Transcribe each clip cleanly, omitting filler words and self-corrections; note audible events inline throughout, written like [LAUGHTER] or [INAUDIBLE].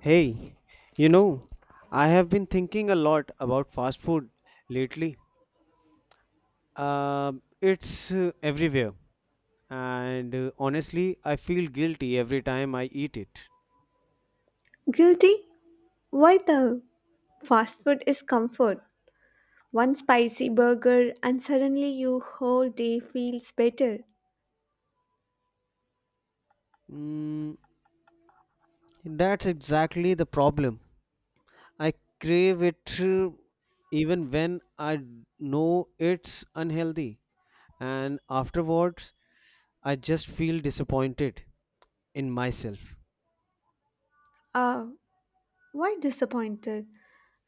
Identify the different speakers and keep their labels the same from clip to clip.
Speaker 1: Hey, you know, I have been thinking a lot about fast food lately. Um it's everywhere, and honestly, I feel guilty every time I eat it.
Speaker 2: Guilty? Why though? Fast food is comfort. One spicy burger and suddenly your whole day feels better.
Speaker 1: Mm, that's exactly the problem. I crave it, even when I know it's unhealthy, and afterwards, I just feel disappointed in myself.
Speaker 2: Ah, why disappointed?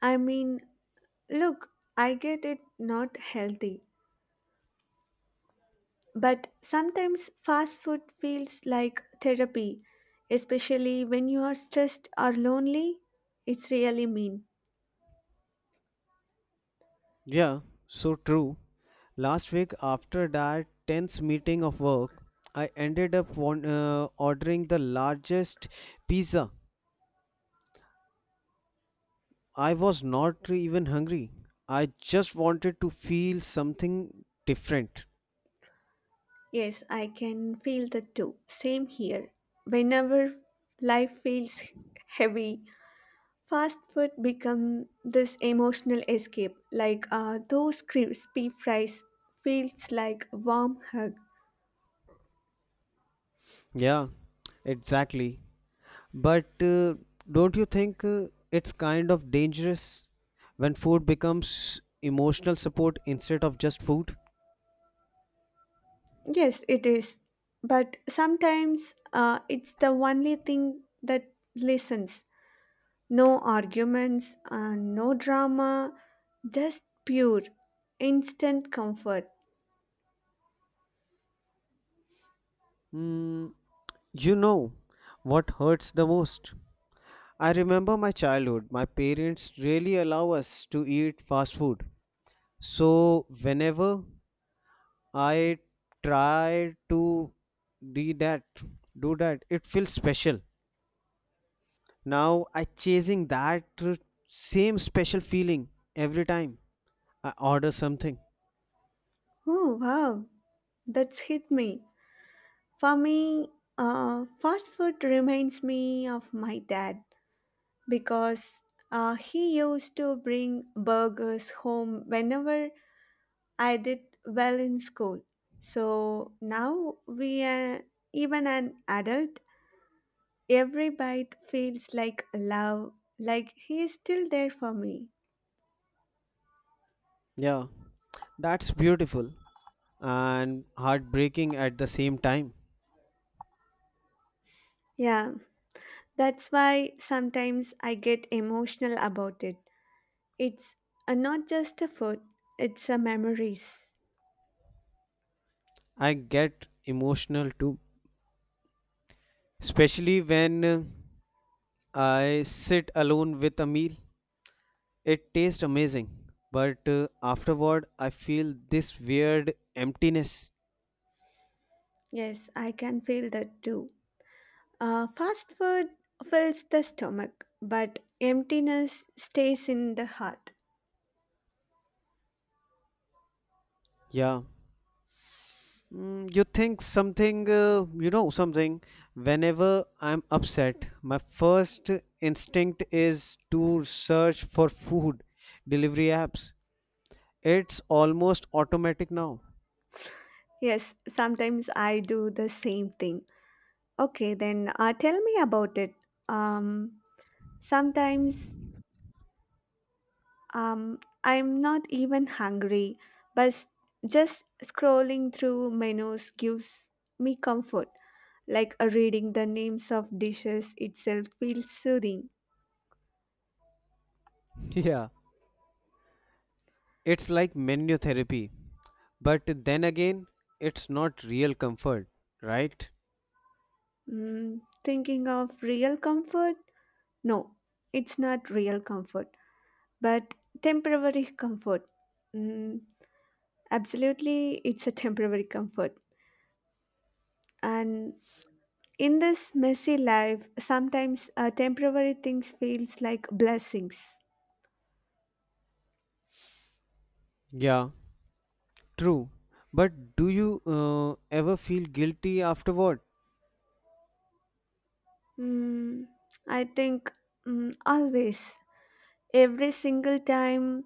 Speaker 2: I mean, look, I get it not healthy. But sometimes fast food feels like therapy, especially when you are stressed or lonely. It's really mean.
Speaker 1: Yeah, so true. Last week, after that tense meeting of work, I ended up ordering the largest pizza. I was not even hungry. I just wanted to feel something different.
Speaker 2: Yes, I can feel that too. Same here. Whenever life feels heavy, Fast food become this emotional escape, like those crispy fries feels like a warm hug.
Speaker 1: Yeah, exactly. But don't you think it's kind of dangerous when food becomes emotional support instead of just food?
Speaker 2: Yes, it is, but sometimes it's the only thing that listens. No arguments, no drama, just pure, instant comfort.
Speaker 1: Mm, you know what hurts the most? I remember my childhood. My parents really allow us to eat fast food. So whenever I try to do that, do that, it feels special. Now I chasing that same special feeling every time I order something.
Speaker 2: Oh wow, that's hit me. For me, fast food reminds me of my dad because he used to bring burgers home whenever I did well in school. So now we are even an adult, every bite feels like love, like he is still there for me.
Speaker 1: Yeah, that's beautiful and heartbreaking at the same time.
Speaker 2: Yeah, that's why sometimes I get emotional about it. It's not just a food, it's a memories.
Speaker 1: I get emotional too, especially when I sit alone with a meal. It tastes amazing, but afterward I feel this weird emptiness.
Speaker 2: Yes, I can feel that too. Fast food fills the stomach, but emptiness stays in the heart.
Speaker 1: Yeah. Mm, you think something, something. Whenever I'm upset, my first instinct is to search for food delivery apps. It's almost automatic now.
Speaker 2: Yes, sometimes I do the same thing. Okay, then tell me about it. Um, sometimes I'm not even hungry, but just scrolling through menus gives me comfort. Like reading the names of dishes itself feels soothing.
Speaker 1: [LAUGHS] Yeah. It's like menu therapy. But then again, it's not real comfort, right?
Speaker 2: Thinking of real comfort. No, it's not real comfort, but temporary comfort. Mm, absolutely, it's a temporary comfort. And in this messy life, sometimes temporary things feels like blessings.
Speaker 1: Yeah. True, but do you ever feel guilty afterward?
Speaker 2: Mm, I think always, every single time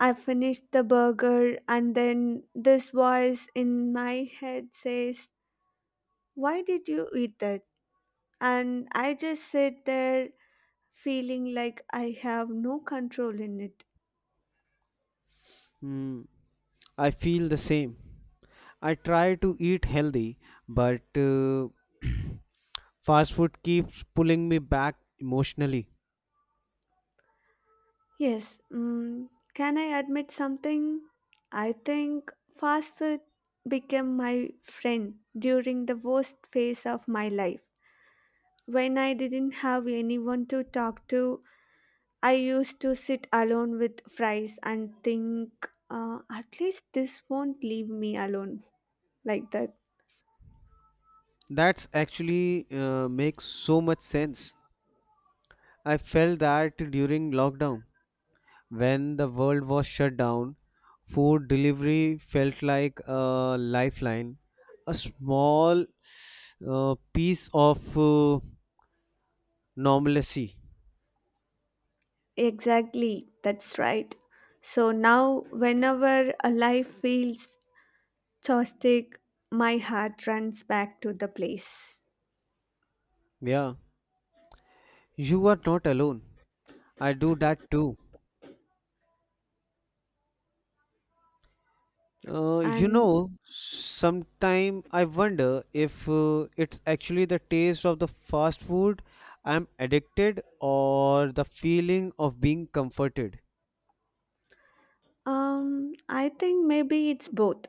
Speaker 2: I finish the burger, and then this voice in my head says, "Why did you eat that?" And I just sit there feeling like I have no control in it.
Speaker 1: Mm, I feel the same. I try to eat healthy, but [CLEARS THROAT] fast food keeps pulling me back emotionally.
Speaker 2: Yes, can I admit something? I think fast food became my friend during the worst phase of my life. When I didn't have anyone to talk to, I used to sit alone with fries and think, at least this won't leave me alone like that.
Speaker 1: That's actually makes so much sense. I felt that during lockdown, when the world was shut down, food delivery felt like a lifeline, a small, piece of normalcy.
Speaker 2: Exactly, that's right. So now, whenever a life feels chopstick, my heart runs back to the place,
Speaker 1: Yeah, you are not alone. I do that too. You
Speaker 2: and
Speaker 1: know, sometime I wonder if it's actually the taste of the fast food I'm addicted or the feeling of being comforted.
Speaker 2: I think maybe it's both.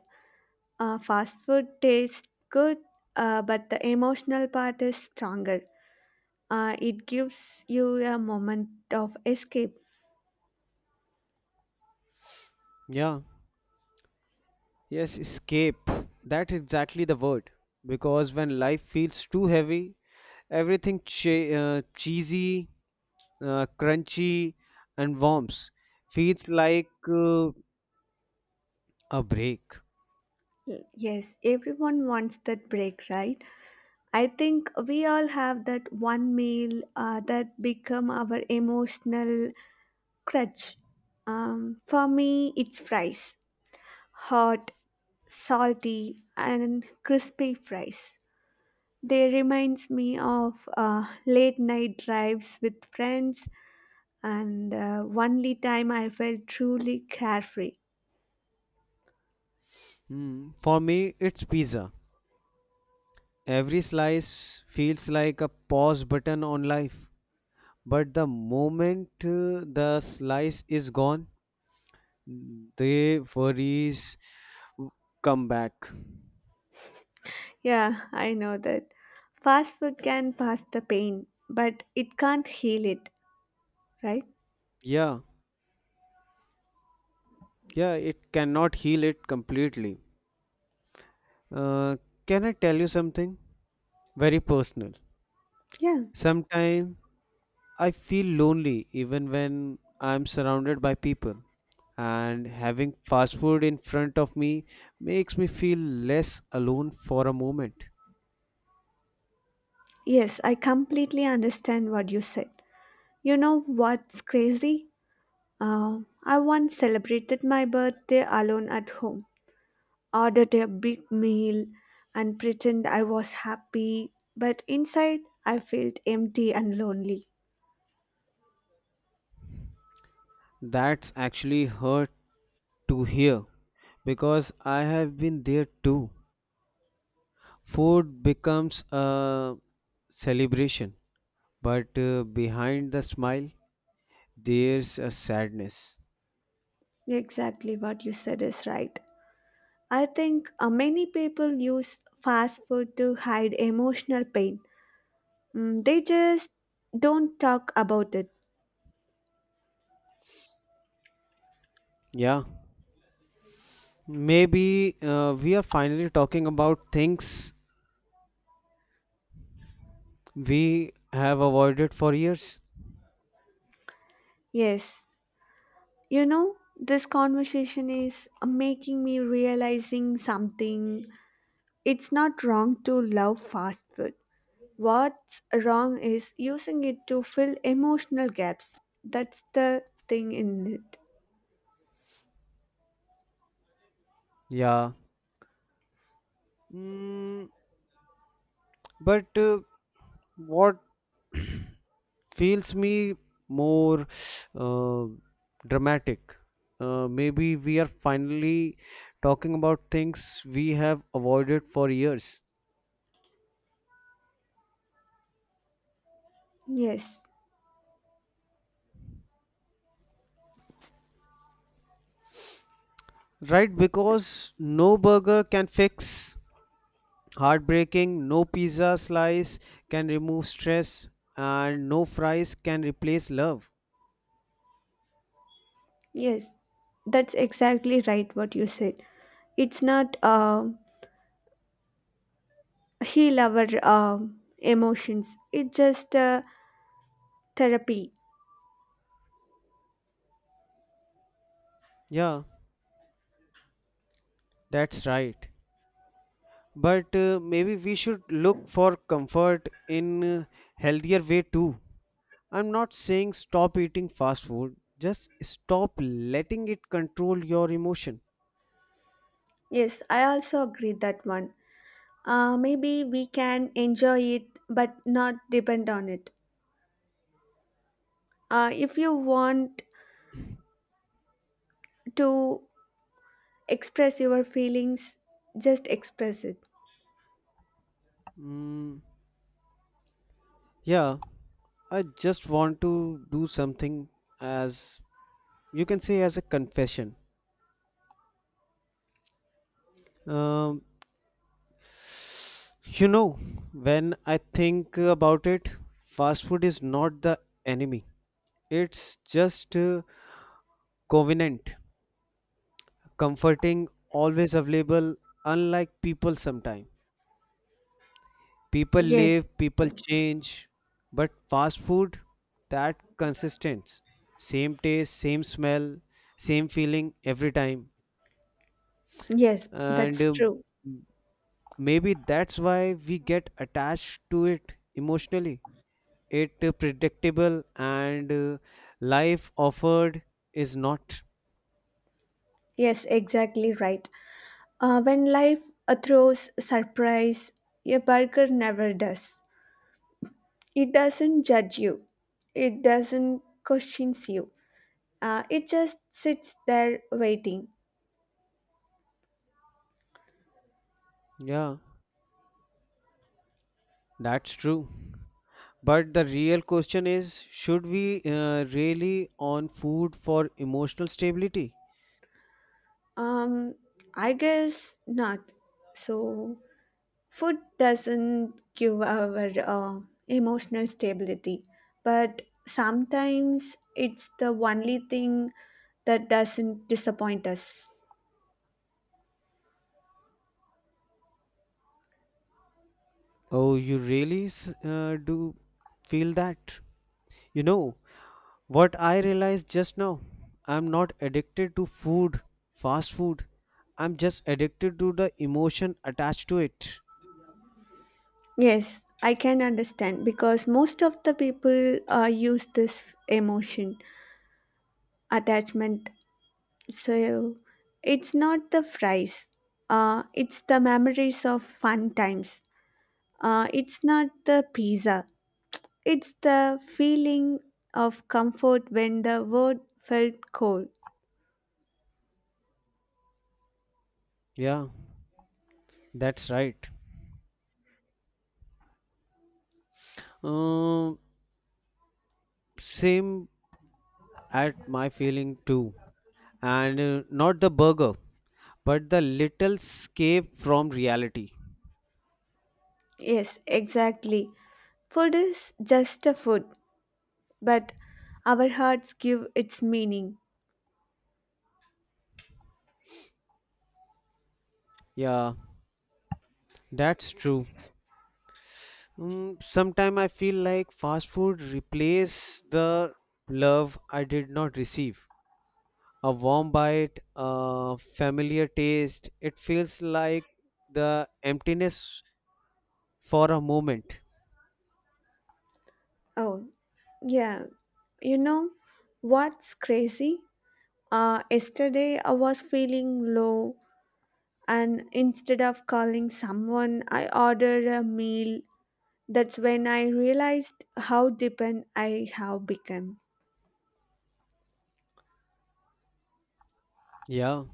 Speaker 2: Fast food tastes good, but the emotional part is stronger. It gives you a moment of escape.
Speaker 1: Yeah, yes, escape. That's exactly the word. Because when life feels too heavy, everything cheesy, crunchy, and warms feels like a break.
Speaker 2: Y- yes, everyone wants that break, right? I think we all have that one meal that become our emotional crutch. For me it's fries, hot salty and crispy fries. They reminds me of late night drives with friends, and only time I felt truly carefree.
Speaker 1: Mm, for me, it's pizza. Every slice feels like a pause button on life. But the moment the slice is gone, the worries come back.
Speaker 2: Yeah, I know that. Fast food can pass the pain, but it can't heal it, right?
Speaker 1: Yeah, yeah, it cannot heal it completely. Uh, can I tell you something very personal?
Speaker 2: Yeah.
Speaker 1: Sometime I feel lonely even when I'm surrounded by people, and having fast food in front of me makes me feel less alone for a moment.
Speaker 2: Yes, I completely understand what you said. You know what's crazy? I once celebrated my birthday alone at home, ordered a big meal and pretend I was happy, but inside I felt empty and lonely.
Speaker 1: That's actually hurt to hear because I have been there too. Food becomes a celebration, but behind the smile, there's a sadness.
Speaker 2: Exactly what you said is right. I think many people use fast food to hide emotional pain. They just don't talk about it.
Speaker 1: Yeah, maybe we are finally talking about things we have avoided for years.
Speaker 2: Yes, this conversation is making me realizing something. It's not wrong to love fast food. What's wrong is using it to fill emotional gaps. That's the thing in it.
Speaker 1: Yeah. Mm, but what feels me more, uh, dramatic? Maybe we are finally talking about things we have avoided for years.
Speaker 2: Yes,
Speaker 1: Right? Because no burger can fix heartbreaking, no pizza slice can remove stress, and no fries can replace love.
Speaker 2: yes, that's exactly right what you said. It's not heal our emotions, it's just therapy.
Speaker 1: Yeah, that's right. But maybe we should look for comfort in, healthier way too. I'm not saying stop eating fast food, just stop letting it control your emotion.
Speaker 2: Yes, I also agree that one. Maybe we can enjoy it but not depend on it. If you want to express your feelings, just express it.
Speaker 1: Mm, yeah, I just want to do something as you can say as a confession. Um, you know, when I think about it, fast food is not the enemy. It's just, covenant. Comforting, always available, unlike people sometime. People
Speaker 2: Yes,
Speaker 1: live, people change, but fast food that consistent. Same taste, same smell, same feeling every time.
Speaker 2: yes,
Speaker 1: And
Speaker 2: that's true.
Speaker 1: maybe that's why we get attached to it emotionally. It, predictable and, life offered is not.
Speaker 2: Yes, exactly right. When life throws surprise, a burger never does. It doesn't judge you. It doesn't question you. It just sits there waiting.
Speaker 1: Yeah, that's true. But the real question is, should we, really on food for emotional stability?
Speaker 2: Um, I guess not. So food doesn't give our emotional stability, but sometimes it's the only thing that doesn't disappoint us.
Speaker 1: Oh, you really do feel that? You know, what I realized just now, I'm not addicted to food, fast food. I'm just addicted to the emotion attached to it.
Speaker 2: Yes, I can understand because most of the people use this emotion attachment. So it's not the fries, it's the memories of fun times. It's not the pizza, it's the feeling of comfort when the world felt cold.
Speaker 1: Yeah, that's right. Um, same at my feeling too. And not the burger, but the little escape from reality.
Speaker 2: Yes, exactly. Food is just a food, but our hearts give its meaning.
Speaker 1: Yeah, that's true. Mm, sometime I feel like fast food replace the love I did not receive. A warm bite, a familiar taste. It feels like the emptiness for a moment.
Speaker 2: Oh, yeah. You know what's crazy? Yesterday I was feeling low, and instead of calling someone, I ordered a meal. That's when I realized how dependent I have become.
Speaker 1: Yeah,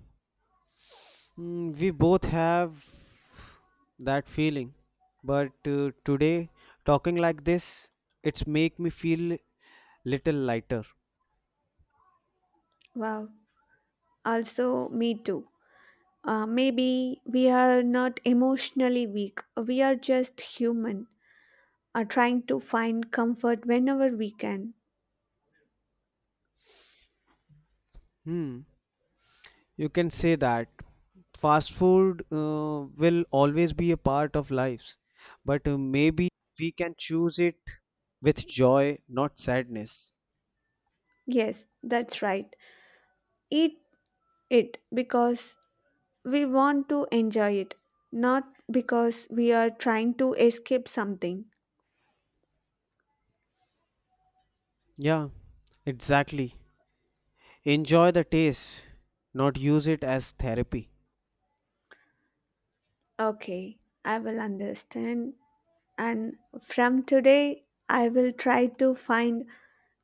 Speaker 1: mm, we both have that feeling. But today, talking like this, it's make me feel little lighter.
Speaker 2: Wow. Also, me too. Maybe we are not emotionally weak, we are just human, are trying to find comfort whenever we can.
Speaker 1: Hmm. You can say that fast food will always be a part of lives, but maybe we can choose it with joy, not sadness.
Speaker 2: Yes, that's right. Eat it because we want to enjoy it, not because we are trying to escape something.
Speaker 1: Yeah, exactly. Enjoy the taste, not use it as therapy.
Speaker 2: Okay, I will understand. And from today, I will try to find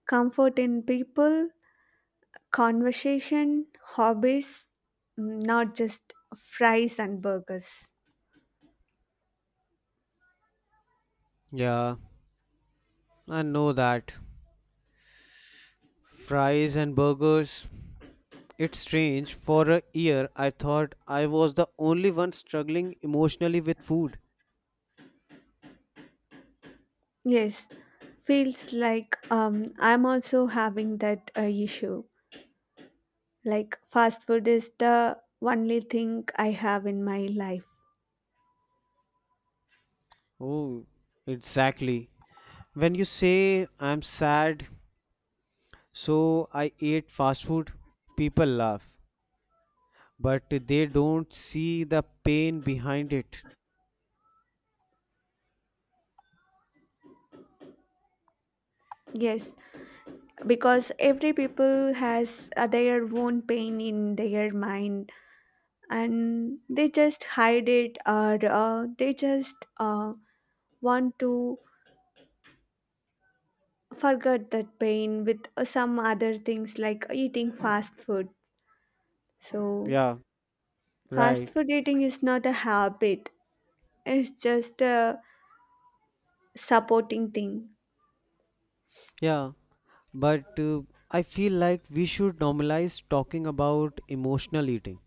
Speaker 2: comfort in people, conversation, hobbies, not just fries and burgers.
Speaker 1: Yeah, I know that. Fries and burgers. It's strange. For a year, I thought I was the only one struggling emotionally with food.
Speaker 2: Yes, feels like I'm also having that issue. Like, fast food is the only thing I have in my life.
Speaker 1: Oh, exactly. When you say I'm sad, so I ate fast food, people laugh, but they don't see the pain behind it.
Speaker 2: Yes, because every people has their own pain in their mind, and they just hide it, or they just want to forget that pain with some other things like eating fast food. So
Speaker 1: Yeah,
Speaker 2: fast
Speaker 1: right.
Speaker 2: food eating is not a habit, it's just a supporting thing.
Speaker 1: Yeah, but I feel like we should normalize talking about emotional eating.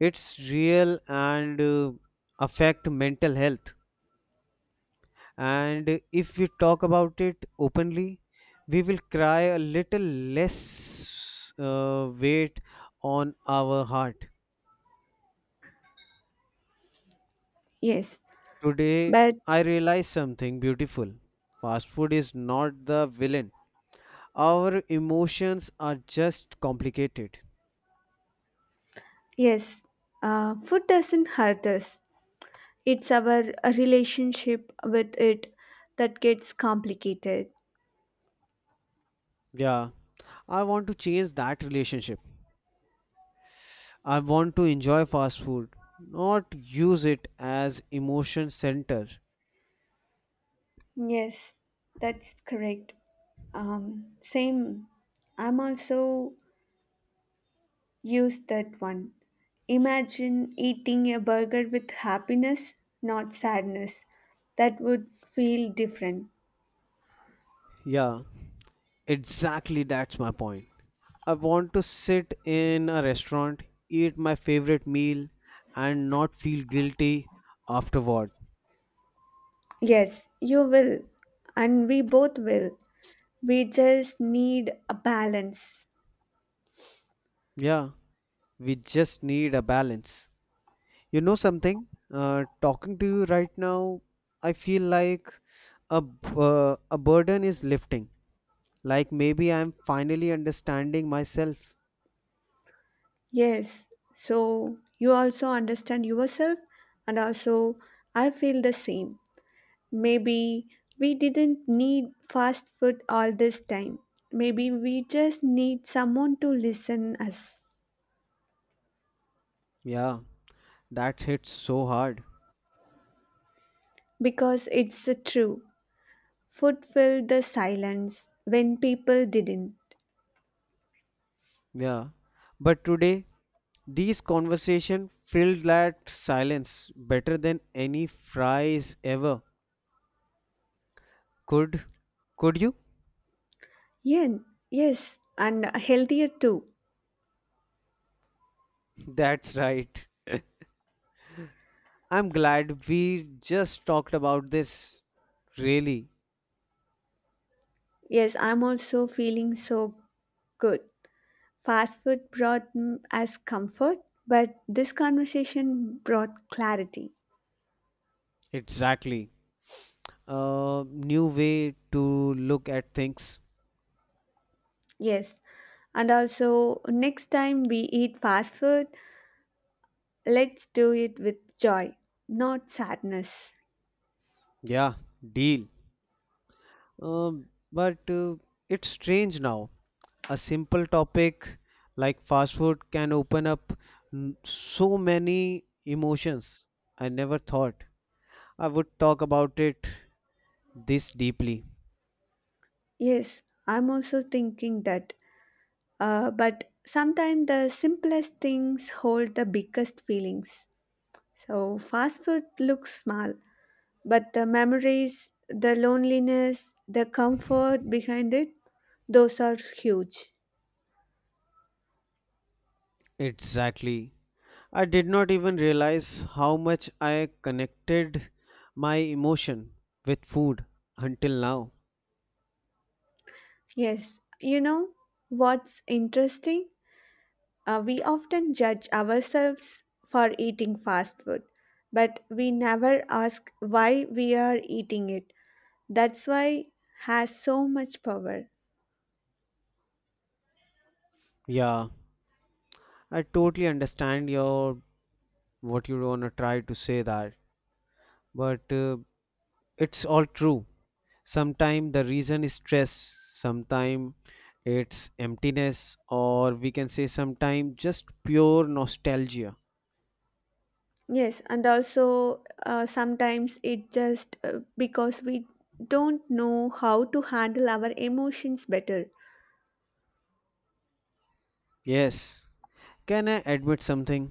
Speaker 1: It's real and, affect mental health. And if we talk about it openly, we will cry a little less, weight on our heart.
Speaker 2: Yes,
Speaker 1: Today,
Speaker 2: but
Speaker 1: I realized something beautiful. Fast food is not the villain. Our emotions are just complicated.
Speaker 2: yes, food doesn't hurt us, it's our relationship with it that gets complicated.
Speaker 1: Yeah, I want to change that relationship. I want to enjoy fast food, not use it as emotion center.
Speaker 2: Yes, that's correct. Same. I'm also used that one. Imagine eating a burger with happiness, not sadness. That would feel different.
Speaker 1: Yeah, exactly that's my point. I want to sit in a restaurant, eat my favorite meal, and not feel guilty afterward.
Speaker 2: Yes, you will. And we both will. We just need a balance.
Speaker 1: Yeah, we just need a balance. You know something? Talking to you right now, I feel like a burden is lifting. Like maybe I'm finally understanding myself.
Speaker 2: Yes, so you also understand yourself, and also I feel the same. Maybe we didn't need fast food all this time. Maybe we just need someone to listen us
Speaker 1: Yeah, that hits so hard.
Speaker 2: because it's true. Food filled the silence when people didn't.
Speaker 1: Yeah, but today these conversation filled that silence better than any fries ever. Could could you?
Speaker 2: Yeah, yes, and healthier too.
Speaker 1: That's right. [LAUGHS] I'm glad we just talked about this. Really,
Speaker 2: Yes, I'm also feeling so good. Fast food brought us comfort, but this conversation brought clarity.
Speaker 1: exactly. New way to look at things.
Speaker 2: Yes, and also next time we eat fast food, let's do it with joy, not sadness.
Speaker 1: Yeah, deal. Um, but it's strange now. A simple topic like fast food can open up so many emotions. I never thought I would talk about it this deeply.
Speaker 2: Yes, I'm also thinking that. But sometimes the simplest things hold the biggest feelings. So fast food looks small, but the memories, the loneliness, the comfort behind it, those are huge.
Speaker 1: Exactly. I did not even realize how much I connected my emotion with food until now.
Speaker 2: Yes, you know what's interesting? We often judge ourselves for eating fast food, but we never ask why we are eating it. That's why has so much power.
Speaker 1: Yeah, I totally understand your what you wanna try to say that, but it's all true. Sometimes the reason is stress, sometimes it's emptiness, or we can say sometimes just pure nostalgia.
Speaker 2: Yes, and also sometimes it just because we don't know how to handle our emotions better.
Speaker 1: Yes, can I admit something?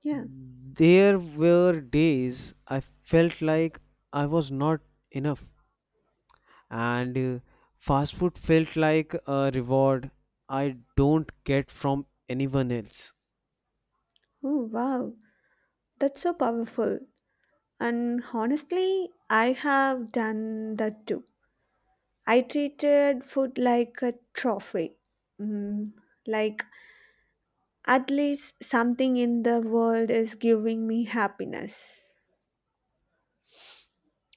Speaker 2: Yeah.
Speaker 1: There were days I felt like I was not enough, and fast food felt like a reward I don't get from anyone else.
Speaker 2: Oh, wow. That's so powerful. And honestly, I have done that too. I treated food like a trophy. Mm, like, at least something in the world is giving me happiness.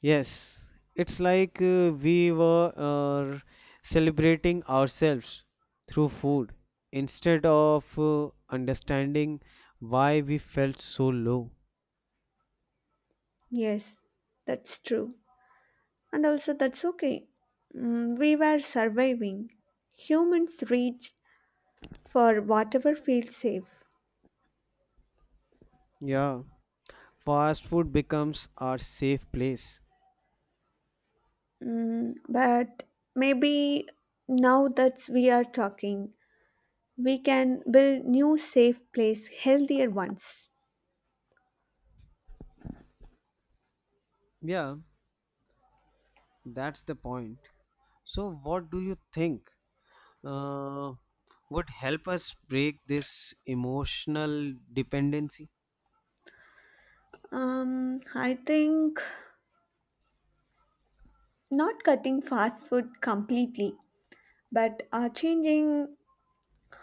Speaker 1: Yes, it's like we were, celebrating ourselves through food instead of understanding why we felt so low.
Speaker 2: Yes, that's true. And also, that's okay. We were surviving. Humans reach for whatever feels safe.
Speaker 1: Yeah, fast food becomes our safe place.
Speaker 2: But maybe now that we are talking, we can build new safe place, healthier ones.
Speaker 1: Yeah, that's the point. So, what do you think uh, would help us break this emotional dependency?
Speaker 2: I think not cutting fast food completely, but changing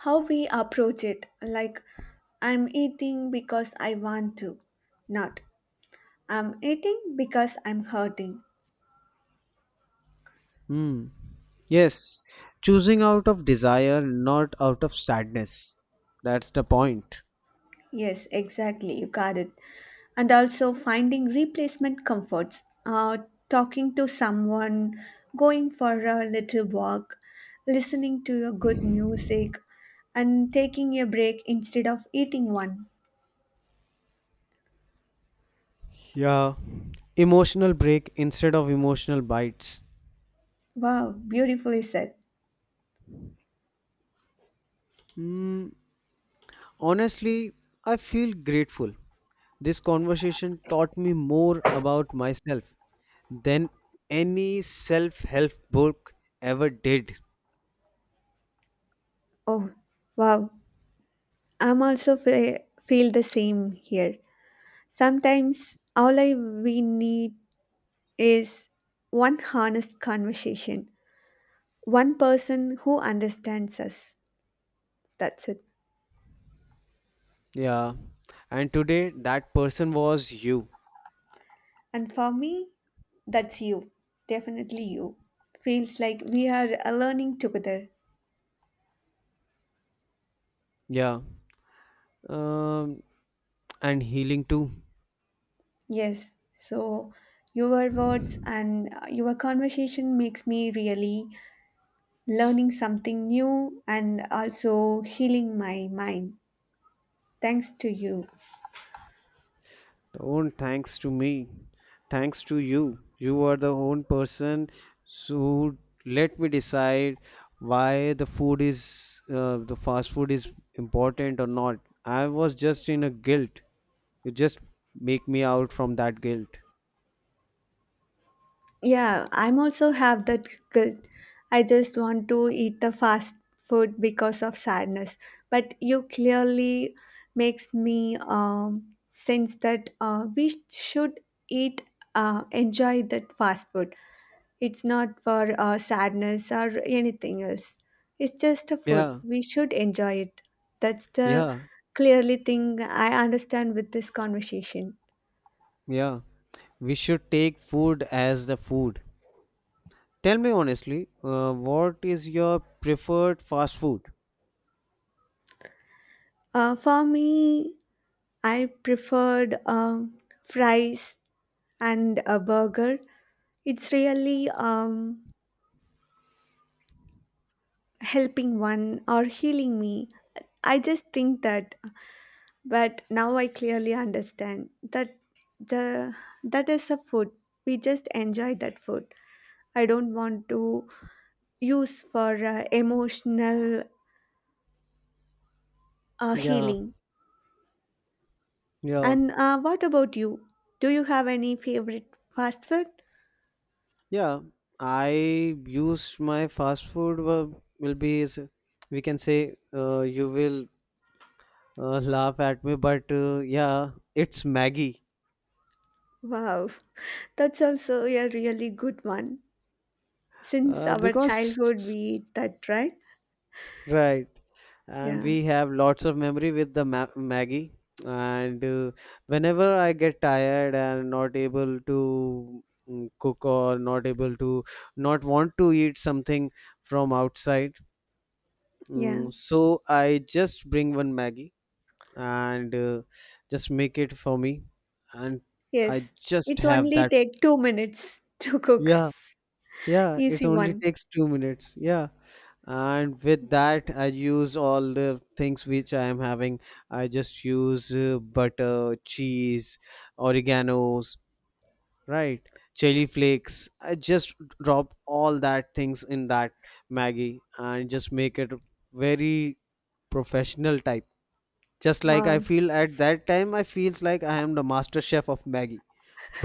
Speaker 2: how we approach it. Like, I'm eating because I want to, not I'm eating because I'm hurting.
Speaker 1: Hmm. Yes, choosing out of desire, not out of sadness. That's the point.
Speaker 2: Yes, exactly, you got it. And also finding replacement comforts, talking to someone, going for a little walk, listening to a good music, and taking a break instead of eating one.
Speaker 1: Yeah, emotional break instead of emotional bites.
Speaker 2: Wow, beautifully said.
Speaker 1: Mm, honestly, I feel grateful. This conversation taught me more about myself than any self help book ever did.
Speaker 2: Oh, wow, I'm also feel the same here. Sometimes all I we need is one honest conversation, one person who understands us. That's it.
Speaker 1: Yeah, and today that person was you.
Speaker 2: And for me, that's you. Definitely you. Feels like we are learning together.
Speaker 1: Yeah, um, and healing too.
Speaker 2: Yes. So your words and your conversation makes me really learning something new and also healing my mind. Thanks to you.
Speaker 1: Don't thanks to me. Thanks to you. You are the own person who let me decide why the food is, the fast food is important or not. I was just in a guilt. You just make me out from that guilt.
Speaker 2: Yeah, I'm also have that guilt. I just want to eat the fast food because of sadness. But you clearly makes me sense that we should eat, enjoy that fast food. It's not for sadness or anything else. It's just a food.
Speaker 1: Yeah,
Speaker 2: We should enjoy it. That's the
Speaker 1: yeah,
Speaker 2: clearly thing I understand with this conversation.
Speaker 1: yeah. We should take food as the food. Tell me honestly, what is your preferred fast food?
Speaker 2: For me, I preferred fries and a burger. It's really helping one or healing me. I just think that, but now I clearly understand that the that is a food. We just enjoy that food. I don't want to use for emotional
Speaker 1: Yeah,
Speaker 2: healing.
Speaker 1: yeah.
Speaker 2: And what about you? Do you have any favorite fast food?
Speaker 1: Yeah, I use my fast food will be is we can say, you will, [LAUGHS] laugh at me, but yeah, it's Maggie,
Speaker 2: Wow, [LAUGHS] that's also a really good one. Since
Speaker 1: uh,
Speaker 2: our
Speaker 1: because
Speaker 2: childhood we eat that, right?
Speaker 1: right, and
Speaker 2: Yeah,
Speaker 1: we have lots of memory with the ma Maggie, and whenever I get tired and not able to, cook or not able to not want to eat something from outside,
Speaker 2: yeah.
Speaker 1: so I just bring one Maggie and just make it for me and I
Speaker 2: Yes,
Speaker 1: just
Speaker 2: it's
Speaker 1: have
Speaker 2: only
Speaker 1: that.
Speaker 2: take 2 minutes [LAUGHS] to cook.
Speaker 1: Yeah, yeah, it
Speaker 2: Easy
Speaker 1: only
Speaker 2: one.
Speaker 1: takes 2 minutes. Yeah, and with that I use all the things which I am having. I just use, butter, cheese, oreganos, right, chili flakes. I just drop all that things in that Maggie and just make it very professional type. Just like I
Speaker 2: Wow.
Speaker 1: feel at that time, I feels like I am the master chef of Maggie,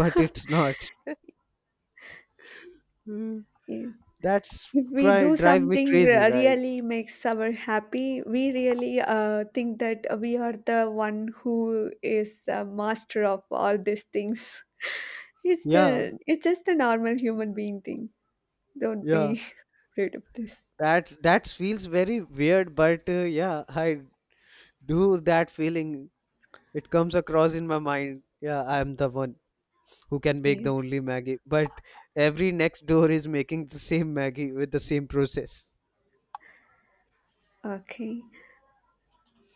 Speaker 1: but it's [LAUGHS] not. Mm.
Speaker 2: Yes.
Speaker 1: That's
Speaker 2: If we
Speaker 1: cry
Speaker 2: do
Speaker 1: drive me
Speaker 2: something
Speaker 1: crazy, right?
Speaker 2: really makes our happy, we really think that we are the one who is the master of all these things. it's
Speaker 1: Yeah,
Speaker 2: a, it's just a normal human being thing. Don't
Speaker 1: yeah.
Speaker 2: be [LAUGHS] afraid of this.
Speaker 1: That feels very weird, but yeah, I do that feeling. It comes across in my mind. Yeah, I am the one who can make the
Speaker 2: Yes.
Speaker 1: only Maggie, but every next door is making the same Maggie with the same process.
Speaker 2: Okay.